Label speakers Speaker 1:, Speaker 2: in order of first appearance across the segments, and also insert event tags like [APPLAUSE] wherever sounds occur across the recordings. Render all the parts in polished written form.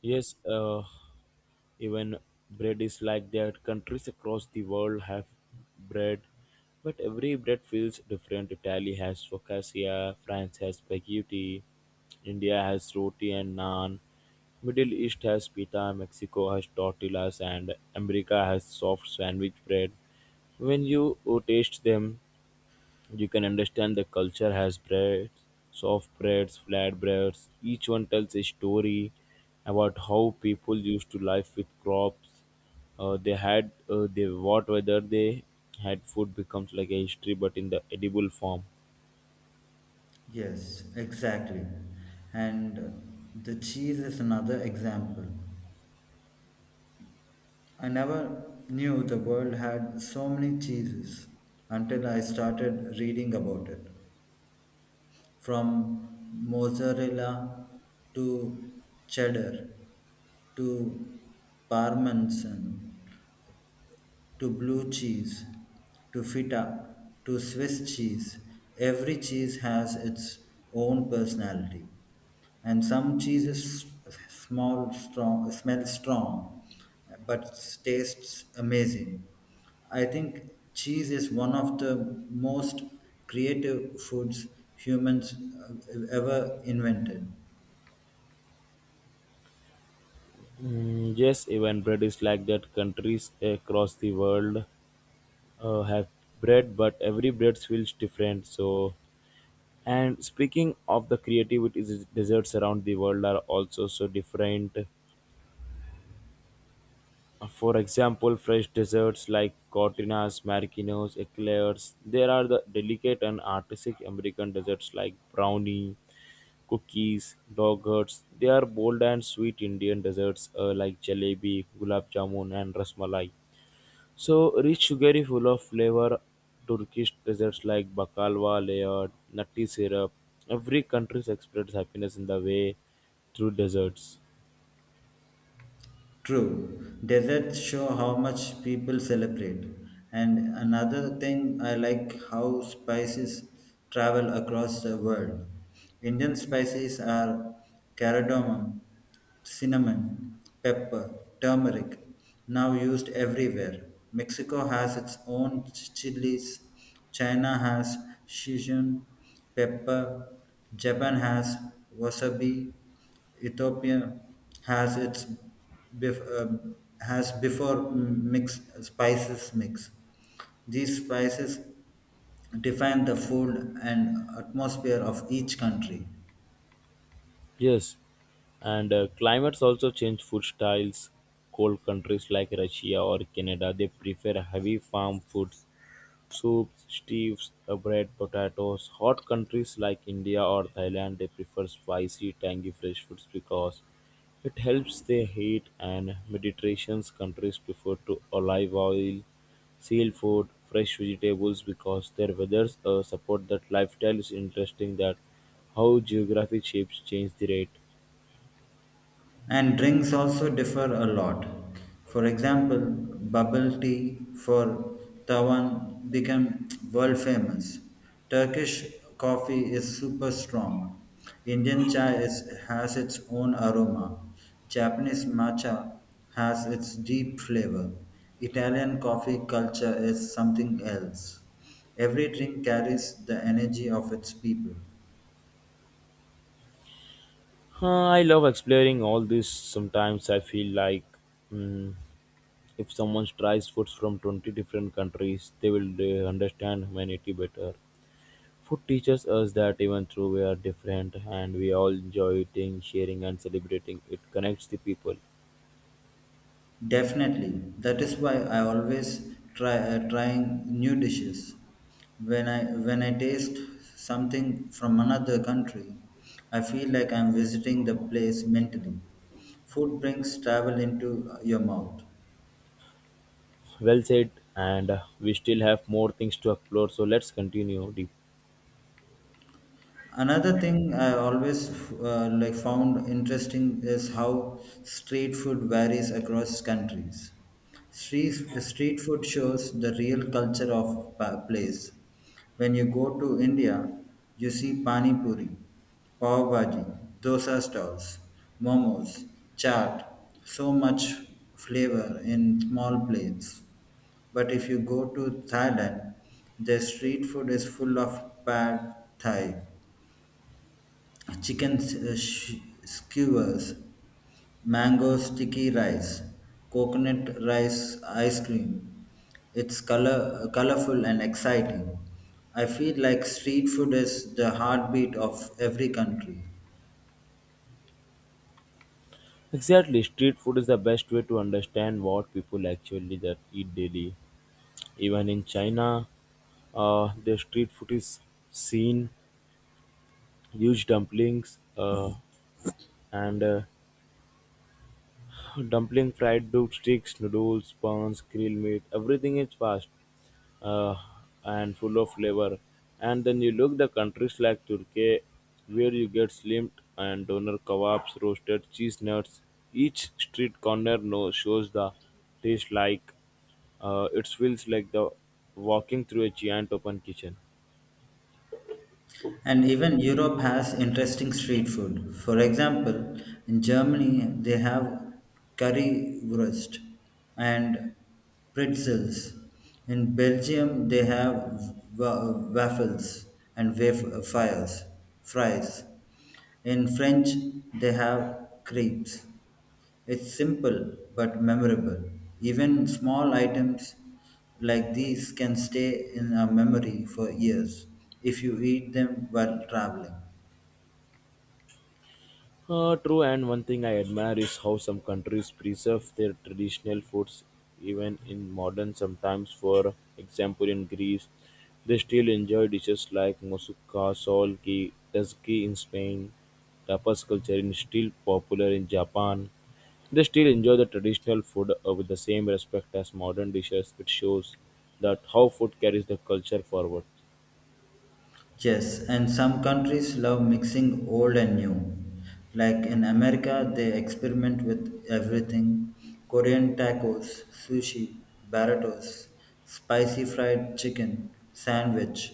Speaker 1: Yes, even bread is like that. Countries across the world have bread, but every bread feels different. Italy has focaccia, France has spaghetti, India has roti and naan, Middle East has pita, Mexico has tortillas, and America has soft sandwich bread. When you taste them, you can understand the culture has breads, soft breads, flat breads. Each one tells a story about how people used to life with crops. They had they what whether they had food becomes like a history, but in the edible form.
Speaker 2: Yes, exactly. And the cheese is another example. I never knew the world had so many cheeses until I started reading about it. From mozzarella to cheddar to parmesan to blue cheese, to feta, to Swiss cheese. Every cheese has its own personality, and some cheeses small, strong, smell strong, but tastes amazing. I think cheese is one of the most creative foods humans ever invented.
Speaker 1: Mm, yes, even bread is like that. Countries across the world have bread, but every bread feels different. So, and speaking of the creativity, desserts around the world are also so different. For example, fresh desserts like cortinas, marquinos, eclairs. There are the delicate and artistic American desserts like brownie, cookies, dogurts. They are bold and sweet Indian desserts like jalebi, gulab jamun, and rasmalai. So rich, sugary, full of flavor. Turkish desserts like baklava, layered, nutty syrup. Every country expresses happiness in the way through desserts.
Speaker 2: True, deserts show how much people celebrate. And another thing, I like how spices travel across the world. Indian spices are cardamom, cinnamon, pepper, turmeric, now used everywhere. Mexico has its own chilies, China has Sichuan pepper, Japan has wasabi, Ethiopia has its bef- uh, has before mix spices mix. These spices define the food and atmosphere of each country.
Speaker 1: Yes, and climates also change food styles. Cold countries like Russia or Canada, they prefer heavy farm foods, soups, stews, bread, potatoes. Hot countries like India or Thailand they prefer spicy, tangy, fresh foods because it helps their heat. And Mediterranean countries prefer to olive oil, seafood, fresh vegetables because their weathers support that lifestyle. Is interesting that how geography shapes change the rate.
Speaker 2: And drinks also differ a lot. For example, bubble tea for Tawan became world famous. Turkish coffee is super strong. Indian chai is, has its own aroma. Japanese matcha has its deep flavor. Italian coffee culture is something else. Every drink carries the energy of its people.
Speaker 1: Huh, I love exploring all this. Sometimes I feel like mm, if someone tries foods from 20 different countries, they will understand humanity better. Food teaches us that even though we are different and we all enjoy eating, sharing, and celebrating, it connects the people.
Speaker 2: Definitely. That is why I always try trying new dishes. When I taste something from another country, I feel like I'm visiting the place mentally. Food brings travel into your mouth.
Speaker 1: Well said, and we still have more things to explore, so let's continue deep.
Speaker 2: Another thing I always like found interesting is how street food varies across countries. Street, Street food shows the real culture of a place. When you go to India, you see pani puri, pav bhaji, dosa stalls, momos, chaat, so much flavor in small plates. But if you go to Thailand, their street food is full of pad thai, chicken skewers, mango sticky rice, coconut rice ice cream. It's colorful and exciting. I feel like street food is the heartbeat of every country.
Speaker 1: Exactly, street food is the best way to understand what people actually that eat daily even in China, the street food is seen huge dumplings, and dumpling, fried sticks, noodles, buns, grilled meat, everything is fast, uh, and full of flavor. And then you look the countries like Turkey, where you get slimed and doner kebabs, roasted cheese nuts. Each street corner no shows the taste like it feels like the walking through a giant open kitchen.
Speaker 2: And even Europe has interesting street food. For example, in Germany, they have currywurst and pretzels. In Belgium, they have waffles and fries. In French, they have crepes. It's simple but memorable. Even small items like these can stay in our memory for years if you eat them while traveling.
Speaker 1: True, and one thing I admire is how some countries preserve their traditional foods even in modern sometimes. For example, in Greece, they still enjoy dishes like moussaka, sol, ki, tzatziki in Spain. Tapas culture is still popular in Japan. They still enjoy the traditional food with the same respect as modern dishes, which shows that how food carries the culture forward.
Speaker 2: Yes, and some countries love mixing old and new. Like in America, they experiment with everything: Korean tacos, sushi, burritos, spicy fried chicken, sandwich.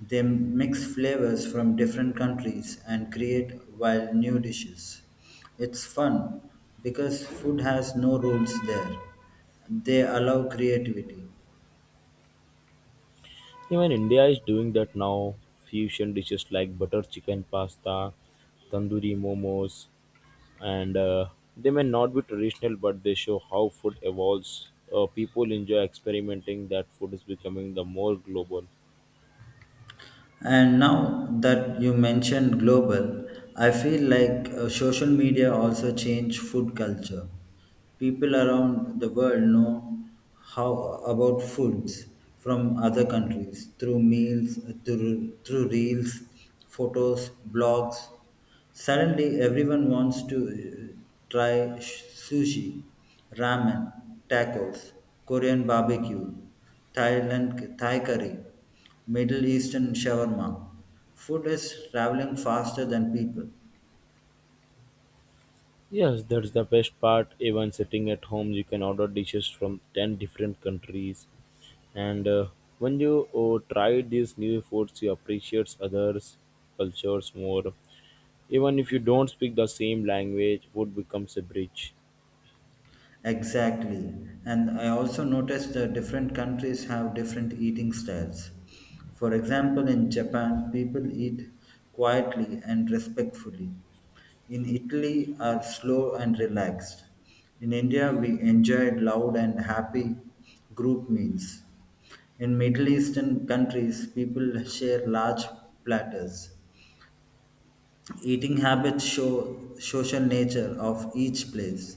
Speaker 2: They mix flavors from different countries and create wild new dishes. It's fun because food has no rules there. They allow creativity.
Speaker 1: Even India is doing that now. Fusion dishes like butter chicken pasta, tandoori momos, and they may not be traditional, but they show how food evolves. People enjoy experimenting. That food is becoming the more global.
Speaker 2: And now that you mentioned global, I feel like social media also changed food culture. People around the world know how about foods from other countries through meals, through reels, photos, blogs. Suddenly, everyone wants to try sushi, ramen, tacos, Korean barbecue, Thailand Thai curry, Middle Eastern shawarma. Food is traveling faster than people.
Speaker 1: Yes, that's the best part. Even sitting at home, you can order dishes from 10 different countries. And when you try these new foods, you appreciate others' cultures more. Even if you don't speak the same language, food becomes a bridge.
Speaker 2: Exactly. And I also noticed that different countries have different eating styles. For example, in Japan, people eat quietly and respectfully. In Italy, are slow and relaxed. In India, we enjoyed loud and happy group meals. In Middle Eastern countries, people share large platters. Eating habits show social nature of each place.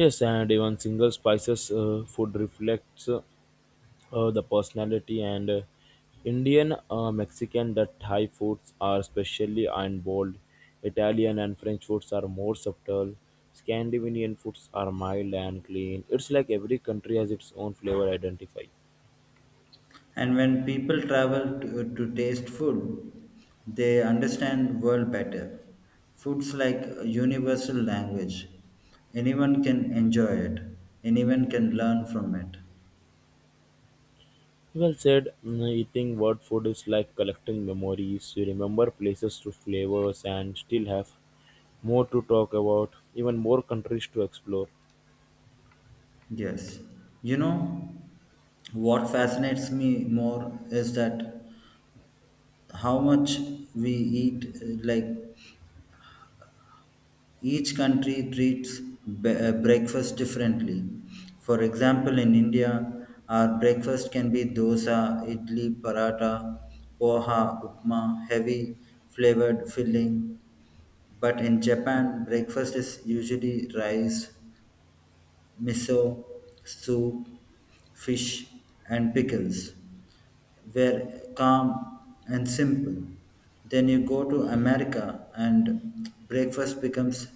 Speaker 1: Yes, and even single spices, food reflects, the personality and, Indian, Mexican, that Thai foods are especially and bold. Italian and French foods are more subtle. Scandinavian foods are mild and clean. It's like every country has its own flavor identify.
Speaker 2: And when people travel to taste food, they understand world better. Food's like a universal language. Anyone can enjoy it. Anyone can learn from it.
Speaker 1: Well said. Mm, eating word food is like collecting memories. You remember places through flavors and still have more to talk about, even more countries to explore.
Speaker 2: Yes. You know, what fascinates me more is that how much we eat, like each country treats breakfast differently. For example, in India, our breakfast can be dosa, idli, paratha, poha, upma, heavy flavored filling. But in Japan, breakfast is usually rice, miso, soup, fish, and pickles were calm and simple. Then you go to America and breakfast becomes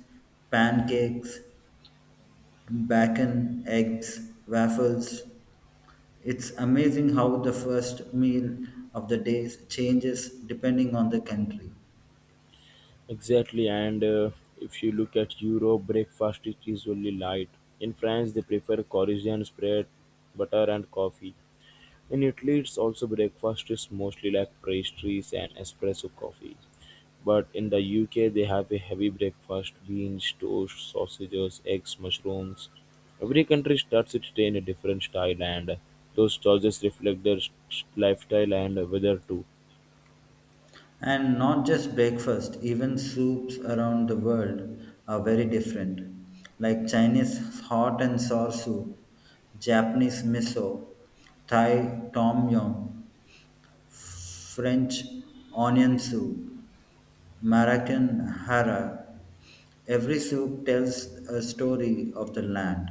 Speaker 2: pancakes, bacon, eggs, waffles. It's amazing how the first meal of the day changes depending on the country.
Speaker 1: Exactly, and if you look at Europe, breakfast is usually light. In France, they prefer croissants, bread, butter, and coffee. In Italy, it's also breakfast is mostly like pastries and espresso coffee. But in the UK, they have a heavy breakfast: beans, toast, sausages, eggs, mushrooms. Every country starts its day in a different style, and those choices reflect their lifestyle and weather too.
Speaker 2: And not just breakfast, even soups around the world are very different. Like Chinese hot and sour soup, Japanese miso, Thai tom yum, French onion soup, Moroccan hara. Every soup tells a story of the land.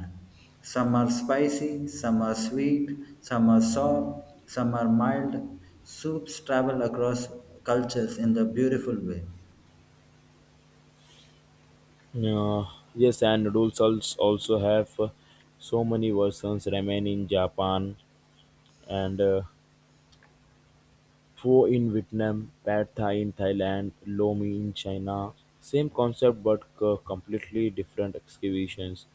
Speaker 2: Some are spicy, some are sweet, some are sour, some are mild. Soups travel across cultures in a beautiful way.
Speaker 1: Uh, yes, and noodles also have, so many versions, ramen in Japan and pho in Vietnam, pad thai in Thailand, lo mein in China. Same concept but completely different excavations.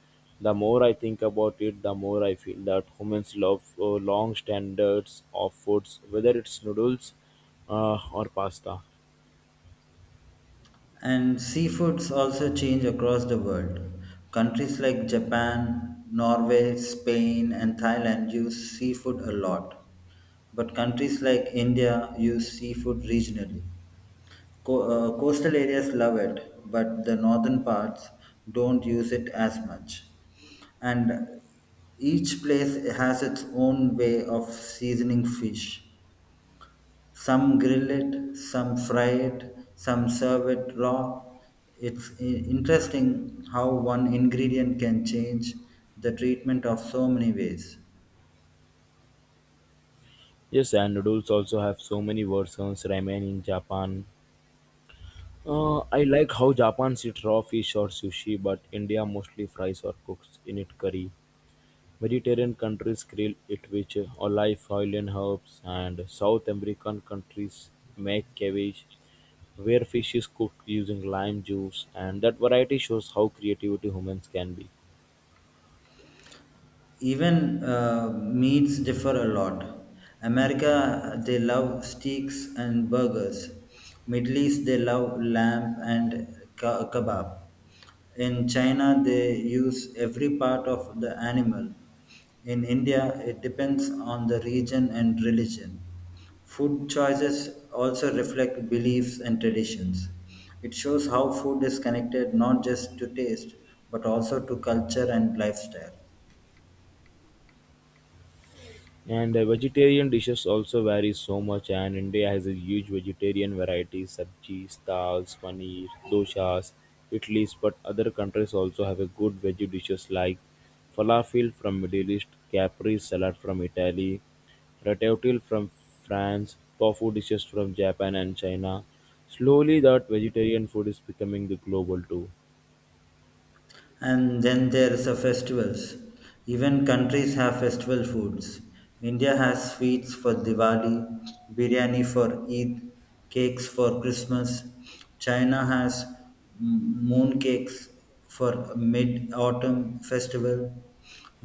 Speaker 1: The more I think about it, the more I feel that humans love long standards of foods, whether it's noodles or pasta.
Speaker 2: And seafoods also change across the world. Countries like Japan, Norway, Spain, and Thailand use seafood a lot. But countries like India use seafood regionally. Coastal areas love it, but the northern parts don't use it as much. And each place has its own way of seasoning fish. Some grill it, some fry it, some serve it raw. It's interesting how one ingredient can change the treatment of so many ways.
Speaker 1: Yes, and noodles also have so many versions ramen in Japan. I like how Japan eats raw fish or sushi, but India mostly fries or cooks in it curry. Mediterranean countries grill it with olive oil and herbs, and South American countries make cabbage, where fish is cooked using lime juice, and that variety shows how creativity humans can be.
Speaker 2: Even meats differ a lot. America, they love steaks and burgers. Middle East, they love lamb and kebab. In China, they use every part of the animal. In India, it depends on the region and religion. Food choices also reflect beliefs and traditions. It shows how food is connected not just to taste but also to culture and lifestyle.
Speaker 1: And vegetarian dishes also vary so much, and India has a huge vegetarian variety: sabjis, dals, paneer, doshas, idlis. But other countries also have a good veggie dishes like falafel from Middle East, capri salad from Italy, ratatouille from France, tofu dishes from Japan and China. Slowly, that vegetarian food is becoming the global too.
Speaker 2: And then there's the festivals. Even countries have festival foods. India has sweets for Diwali, biryani for Eid, cakes for Christmas. China has moon cakes for mid-autumn festival.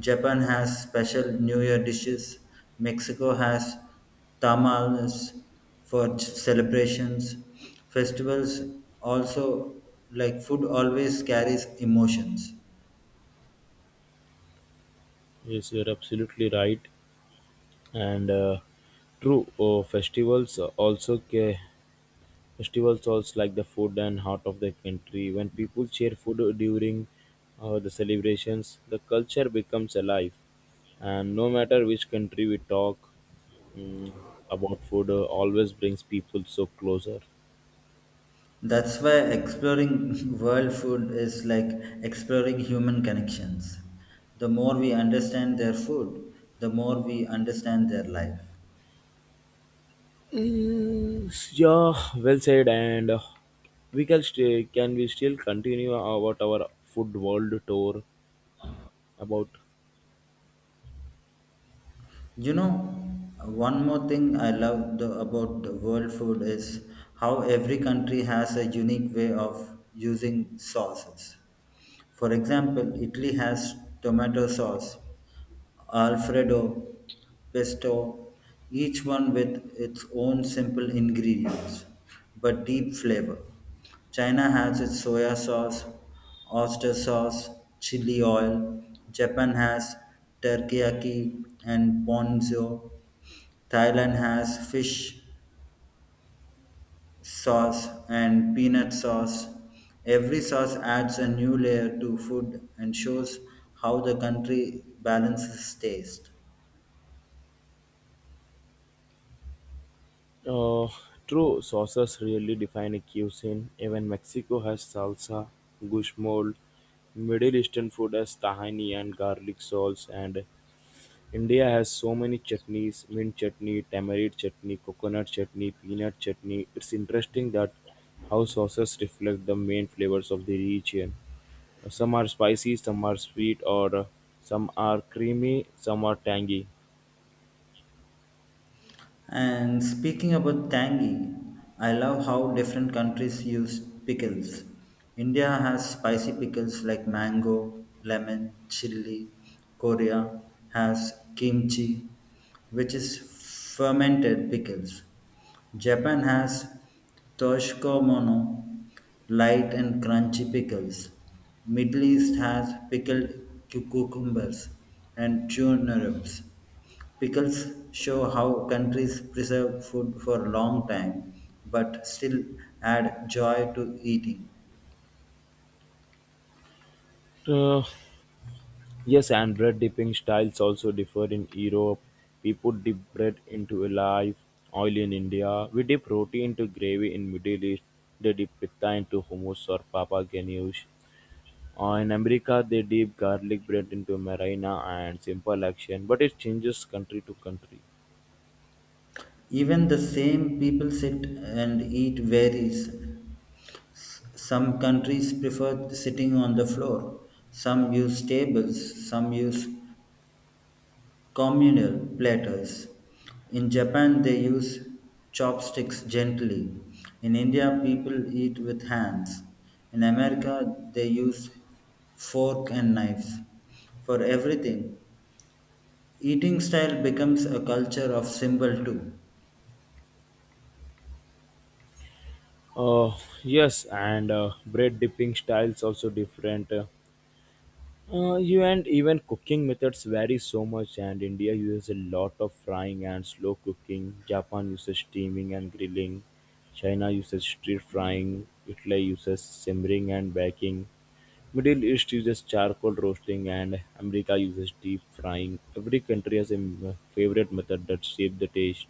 Speaker 2: Japan has special New Year dishes. Mexico has tamales for celebrations. Festivals also, like food, always carries emotions.
Speaker 1: Yes, you're absolutely right, and true. Oh, festivals also. Festivals also like the food and heart of the country. When people share food during the celebrations, the culture becomes alive. And no matter which country we talk, mm, about food, always brings people so closer.
Speaker 2: That's why exploring [LAUGHS] world food is like exploring human connections. The more we understand their food, the more we understand their life.
Speaker 1: Mm, yeah, well said. And we can stay, can we still continue about our food world tour about.
Speaker 2: You know, one more thing I love about the world food is how every country has a unique way of using sauces. For example, Italy has tomato sauce, Alfredo, pesto, each one with its own simple ingredients but deep flavor. China has its soya sauce, oyster sauce, chili oil. Japan has teriyaki and ponzu. Thailand has fish sauce and peanut sauce. Every sauce adds a new layer to food and shows how the country balances taste.
Speaker 1: Uh, true, sauces really define a cuisine. Even Mexico has salsa, guacamole, Middle Eastern food has tahini and garlic sauce, and India has so many chutneys: mint chutney, tamarind chutney, coconut chutney, peanut chutney. It's interesting that how sauces reflect the main flavors of the region. Some are spicy, some are sweet, or some are creamy, some are tangy.
Speaker 2: And speaking about tangy, I love how different countries use pickles. India has spicy pickles like mango, lemon, chili. Korea has kimchi, which is fermented pickles. Japan has Toshikomono, light and crunchy pickles. Middle East has pickled cucumbers and turnips. Pickles show how countries preserve food for a long time but still add joy to eating.
Speaker 1: Uh, Yes, and bread dipping styles also differ in Europe. People dip bread into a live oil in India. We dip roti into gravy in Middle East. They dip pita into hummus or papa ganoush. In America, they dip garlic bread into marina and simple action, but it changes country to country.
Speaker 2: Even the same people sit and eat varies. Some countries prefer sitting on the floor, some use tables, some use communal platters. In Japan, they use chopsticks gently. In India, people eat with hands. In America, they use fork and knives for everything. Eating style becomes a culture of symbol too,
Speaker 1: Uh, yes, and bread dipping styles also different. You and even cooking methods vary so much, and India uses a lot of frying and slow cooking. Japan uses steaming and grilling. China uses stir frying. Italy uses simmering and baking. Middle East uses charcoal roasting, and America uses deep frying. Every country has a favorite method that shapes the taste.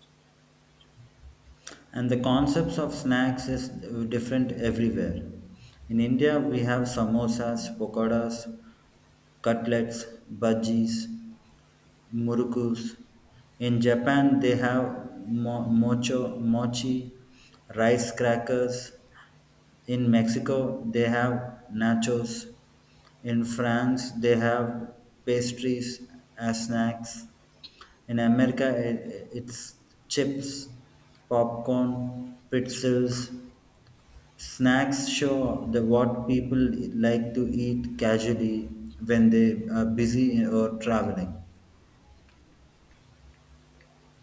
Speaker 2: and the concepts of snacks is different everywhere. In India, we have samosas, pakoras, cutlets, bhajis, murukus. In Japan, they have mocho, mochi, rice crackers. In Mexico, they have nachos. In France, they have pastries as snacks. In America, it's chips, popcorn, pretzels. Snacks show the what people like to eat casually when they are busy or traveling.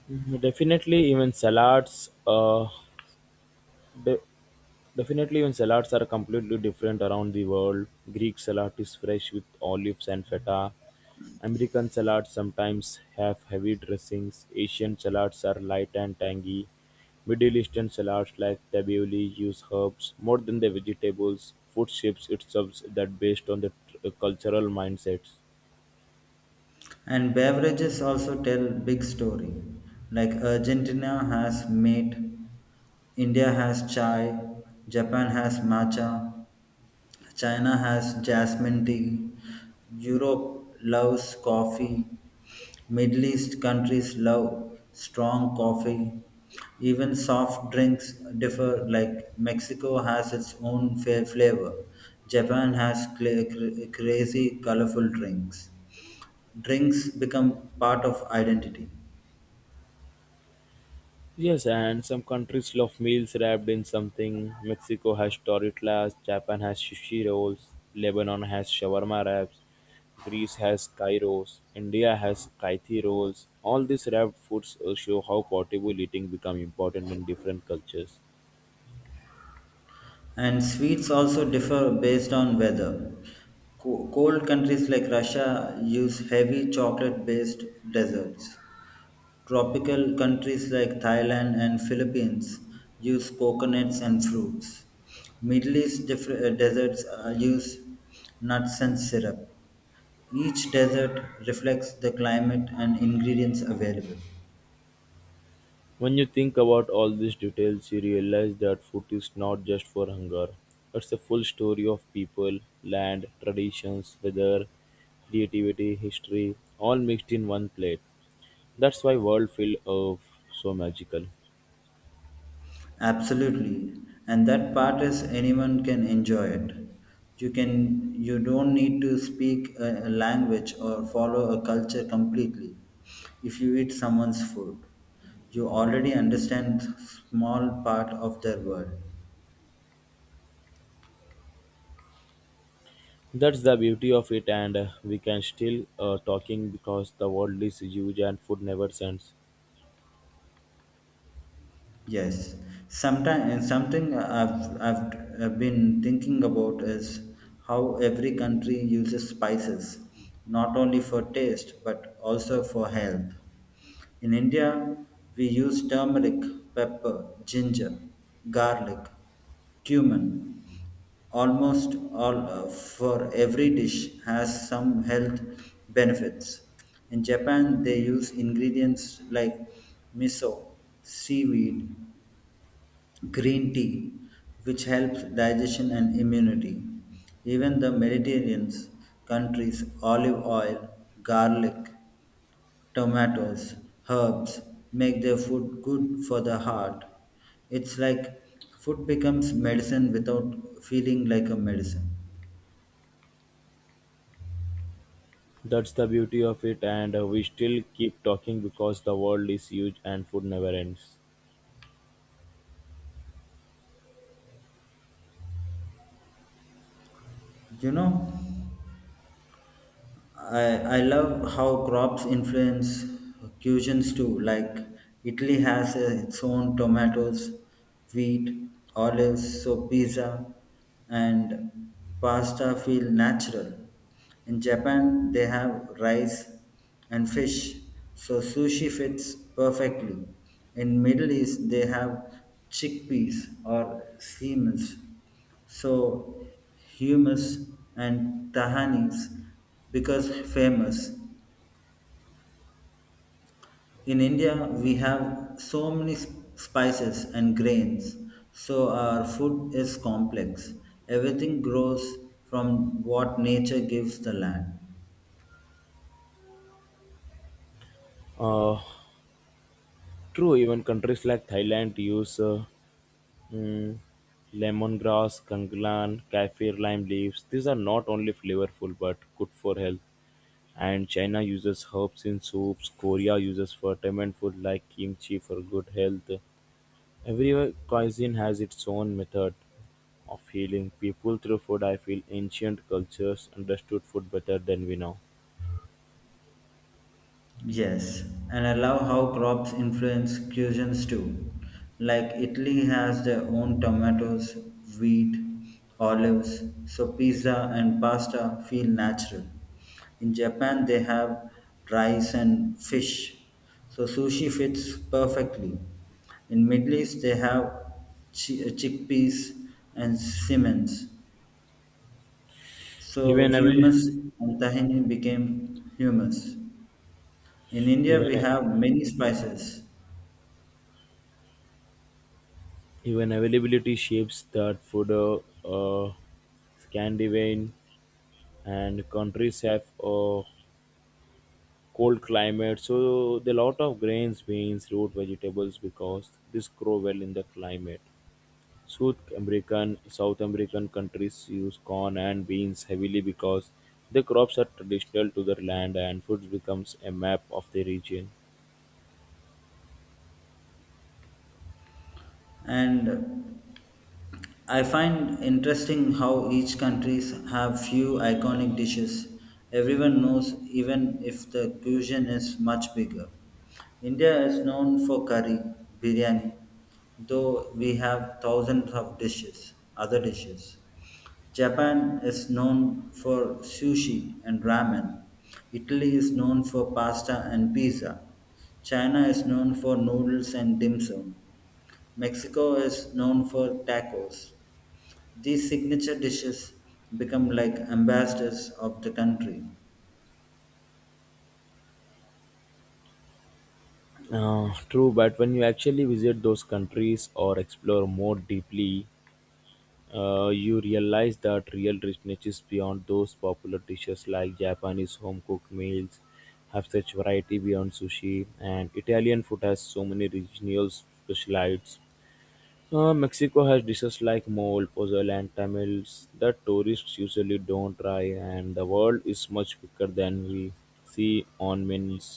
Speaker 1: Mhm, definitely, even salads. De- Definitely, when salads are completely different around the world, Greek salad is fresh with olives and feta. American salads sometimes have heavy dressings. Asian salads are light and tangy. Middle Eastern salads like tabbouleh use herbs more than the vegetables. Food shapes itself that based on the cultural mindsets.
Speaker 2: And beverages also tell big story. Like Argentina has mate, India has chai, Japan has matcha, China has jasmine tea, Europe loves coffee, Middle East countries love strong coffee. Even soft drinks differ, like Mexico has its own fair flavor. Japan has crazy colorful drinks. Drinks become part of identity.
Speaker 1: Yes, and some countries love meals wrapped in something. Mexico has tortillas, Japan has sushi rolls, Lebanon has shawarma wraps, Greece has gyros, India has kaithi rolls. All these wrapped foods show how portable eating become important in different cultures.
Speaker 2: And sweets also differ based on weather. Cold countries like Russia use heavy chocolate based desserts. Tropical countries like Thailand and Philippines use coconuts and fruits. Middle East deserts use nuts and syrup. Each desert reflects the climate and ingredients available.
Speaker 1: When you think about all these details, you realize that food is not just for hunger. It's a full story of people, land, traditions, weather, creativity, history, all mixed in one plate. That's why world feel so magical.
Speaker 2: Absolutely. And that part is anyone can enjoy it. You don't need to speak a language or follow a culture completely. If you eat someone's food, you already understand small part of their world.
Speaker 1: That's the beauty of it, and we can still talking because the world is huge and food never ends.
Speaker 2: Yes, sometimes something I've been thinking about is how every country uses spices, not only for taste but also for health. In India, we use turmeric, pepper, ginger, garlic, cumin. Almost all for every dish has some health benefits. In Japan, they use ingredients like miso, seaweed, green tea, which helps digestion and immunity. Even the Mediterranean countries' olive oil, garlic, tomatoes, herbs make their food good for the heart. It's like food becomes medicine without feeling like a medicine.
Speaker 1: That's the beauty of it, and we still keep talking because the world is huge and food never ends.
Speaker 2: You know, I love how crops influence cuisines too. Like Italy has its own tomatoes, wheat, olives, so pizza and pasta feel natural. In Japan, they have rice and fish, so sushi fits perfectly. In Middle East, they have chickpeas or seameal, so hummus and tahanis because famous. In India, we have so many spices and grains, so our food is complex. Everything grows from what nature gives the land.
Speaker 1: Uh, true, even countries like Thailand use, mm, lemongrass, kanglan, kaffir lime leaves. These are not only flavorful but good for health. And China uses herbs in soups, Korea uses fermented food like kimchi for good health. Every cuisine has its own method of healing people through food. I feel ancient cultures understood food better than we know.
Speaker 2: Yes, and I love how crops influence cuisines too. Like Italy has their own tomatoes, wheat, olives, so pizza and pasta feel natural. In Japan, they have rice and fish, so sushi fits perfectly. In Middle East, they have chickpeas and simmons, so
Speaker 1: Even avail-
Speaker 2: hummus and tahini became hummus. In India,
Speaker 1: even
Speaker 2: we have many spices,
Speaker 1: even availability shapes that food. Uh, Scandinavian and countries have a cold climate, so the lot of grains, beans, root vegetables because this grow well in the climate. South American countries use corn and beans heavily because the crops are traditional to their land and food becomes a map of the region.
Speaker 2: and I find interesting how each countries have few iconic dishes everyone knows even if the cuisine is much bigger. India is known for curry, biryani, though we have thousands of dishes, other dishes. Japan is known for sushi and ramen. Italy is known for pasta and pizza. China is known for noodles and dim sum. Mexico is known for tacos. These signature dishes become like ambassadors of the country.
Speaker 1: True, but when you actually visit those countries or explore more deeply, you realize that real richness is beyond those popular dishes like Japanese home cooked meals have such variety beyond sushi, and Italian food has so many regional specialities. Mexico has dishes like mole, pozole, and tamales that tourists usually don't try, and the world is much bigger than we see on menus.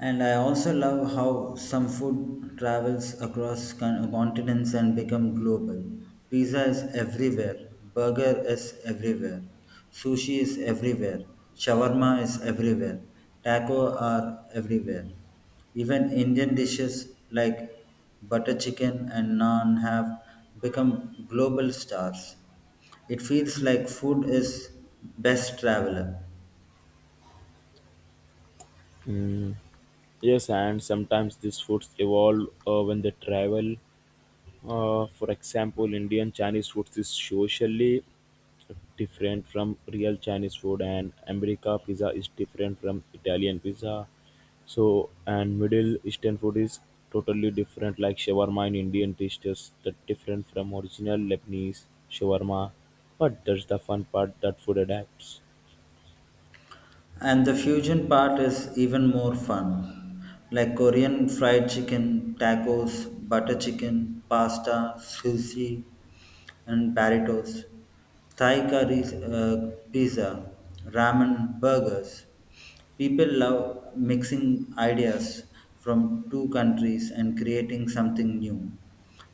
Speaker 2: And I also love how some food travels across continents and become global. Pizza is everywhere, burger is everywhere, sushi is everywhere, shawarma is everywhere, taco are everywhere. Even Indian dishes like butter chicken and naan have become global stars. It feels like food is best traveler.
Speaker 1: Mm. Yes, and sometimes these foods evolve when they travel. For example, Indian Chinese food is socially different from real Chinese food, and America pizza is different from Italian pizza. So, and Middle Eastern food is totally different, like shawarma in Indian dish, just that different from original Lebanese shawarma. But that's the fun part that food adapts.
Speaker 2: And the fusion part is even more fun, like Korean fried chicken, tacos, butter chicken, pasta, sushi, and burritos, Thai curry, pizza, ramen, burgers. People love mixing ideas from two countries and creating something new.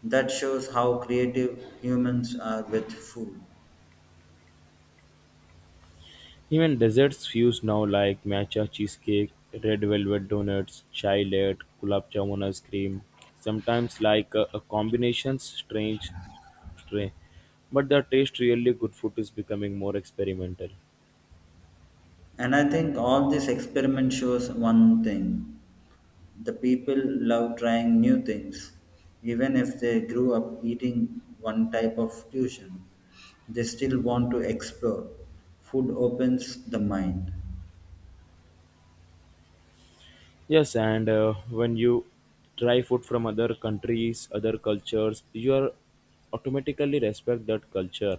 Speaker 2: That shows how creative humans are with food.
Speaker 1: Even desserts fuse now like matcha cheesecake, red velvet donuts, chai latte, gulab jamun ice cream, sometimes like a combination strange tray. But the taste really good food is becoming more experimental.
Speaker 2: And I think all this experiment shows one thing. The people love trying new things. Even if they grew up eating one type of fusion, they still want to explore. Food opens the mind.
Speaker 1: Yes, and when you try food from other countries, other cultures, you are automatically respect that culture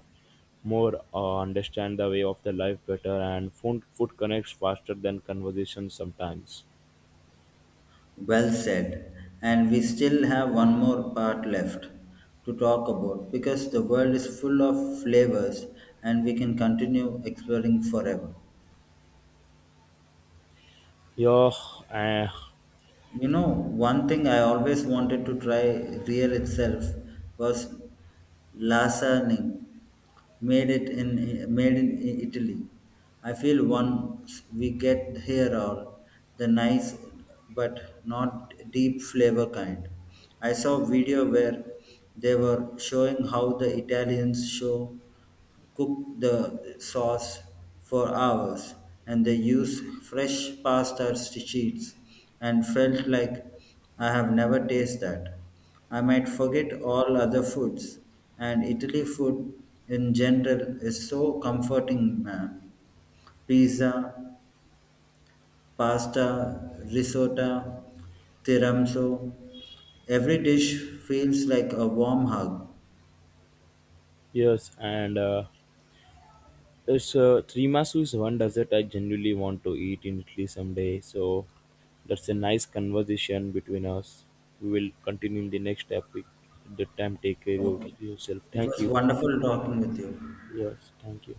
Speaker 1: more, understand the way of the life better, and food connects faster than conversation sometimes.
Speaker 2: Well said. And we still have one more part left to talk about because the world is full of flavors and we can continue exploring forever.
Speaker 1: Yeah, eh,
Speaker 2: You know, one thing I always wanted to try real itself was lasagna made in Italy. I feel once we get here all the nice but not deep flavor kind. I saw video where they were showing how the Italians show cook the sauce for hours, and they use fresh pasta sheets and felt like I have never tasted that. I might forget all other foods, and Italy food in general is so comforting, man. Pizza, pasta, risotto, tiramisu. Every dish feels like a warm hug.
Speaker 1: yes, and it's tiramisu is one dessert I genuinely want to eat in Italy someday. So that's a nice conversation between us. We will continue in the next topic. At that time, take care of
Speaker 2: Okay.
Speaker 1: yourself.
Speaker 2: It
Speaker 1: Thank
Speaker 2: was
Speaker 1: you.
Speaker 2: wonderful talking with you.
Speaker 1: Yes, thank you.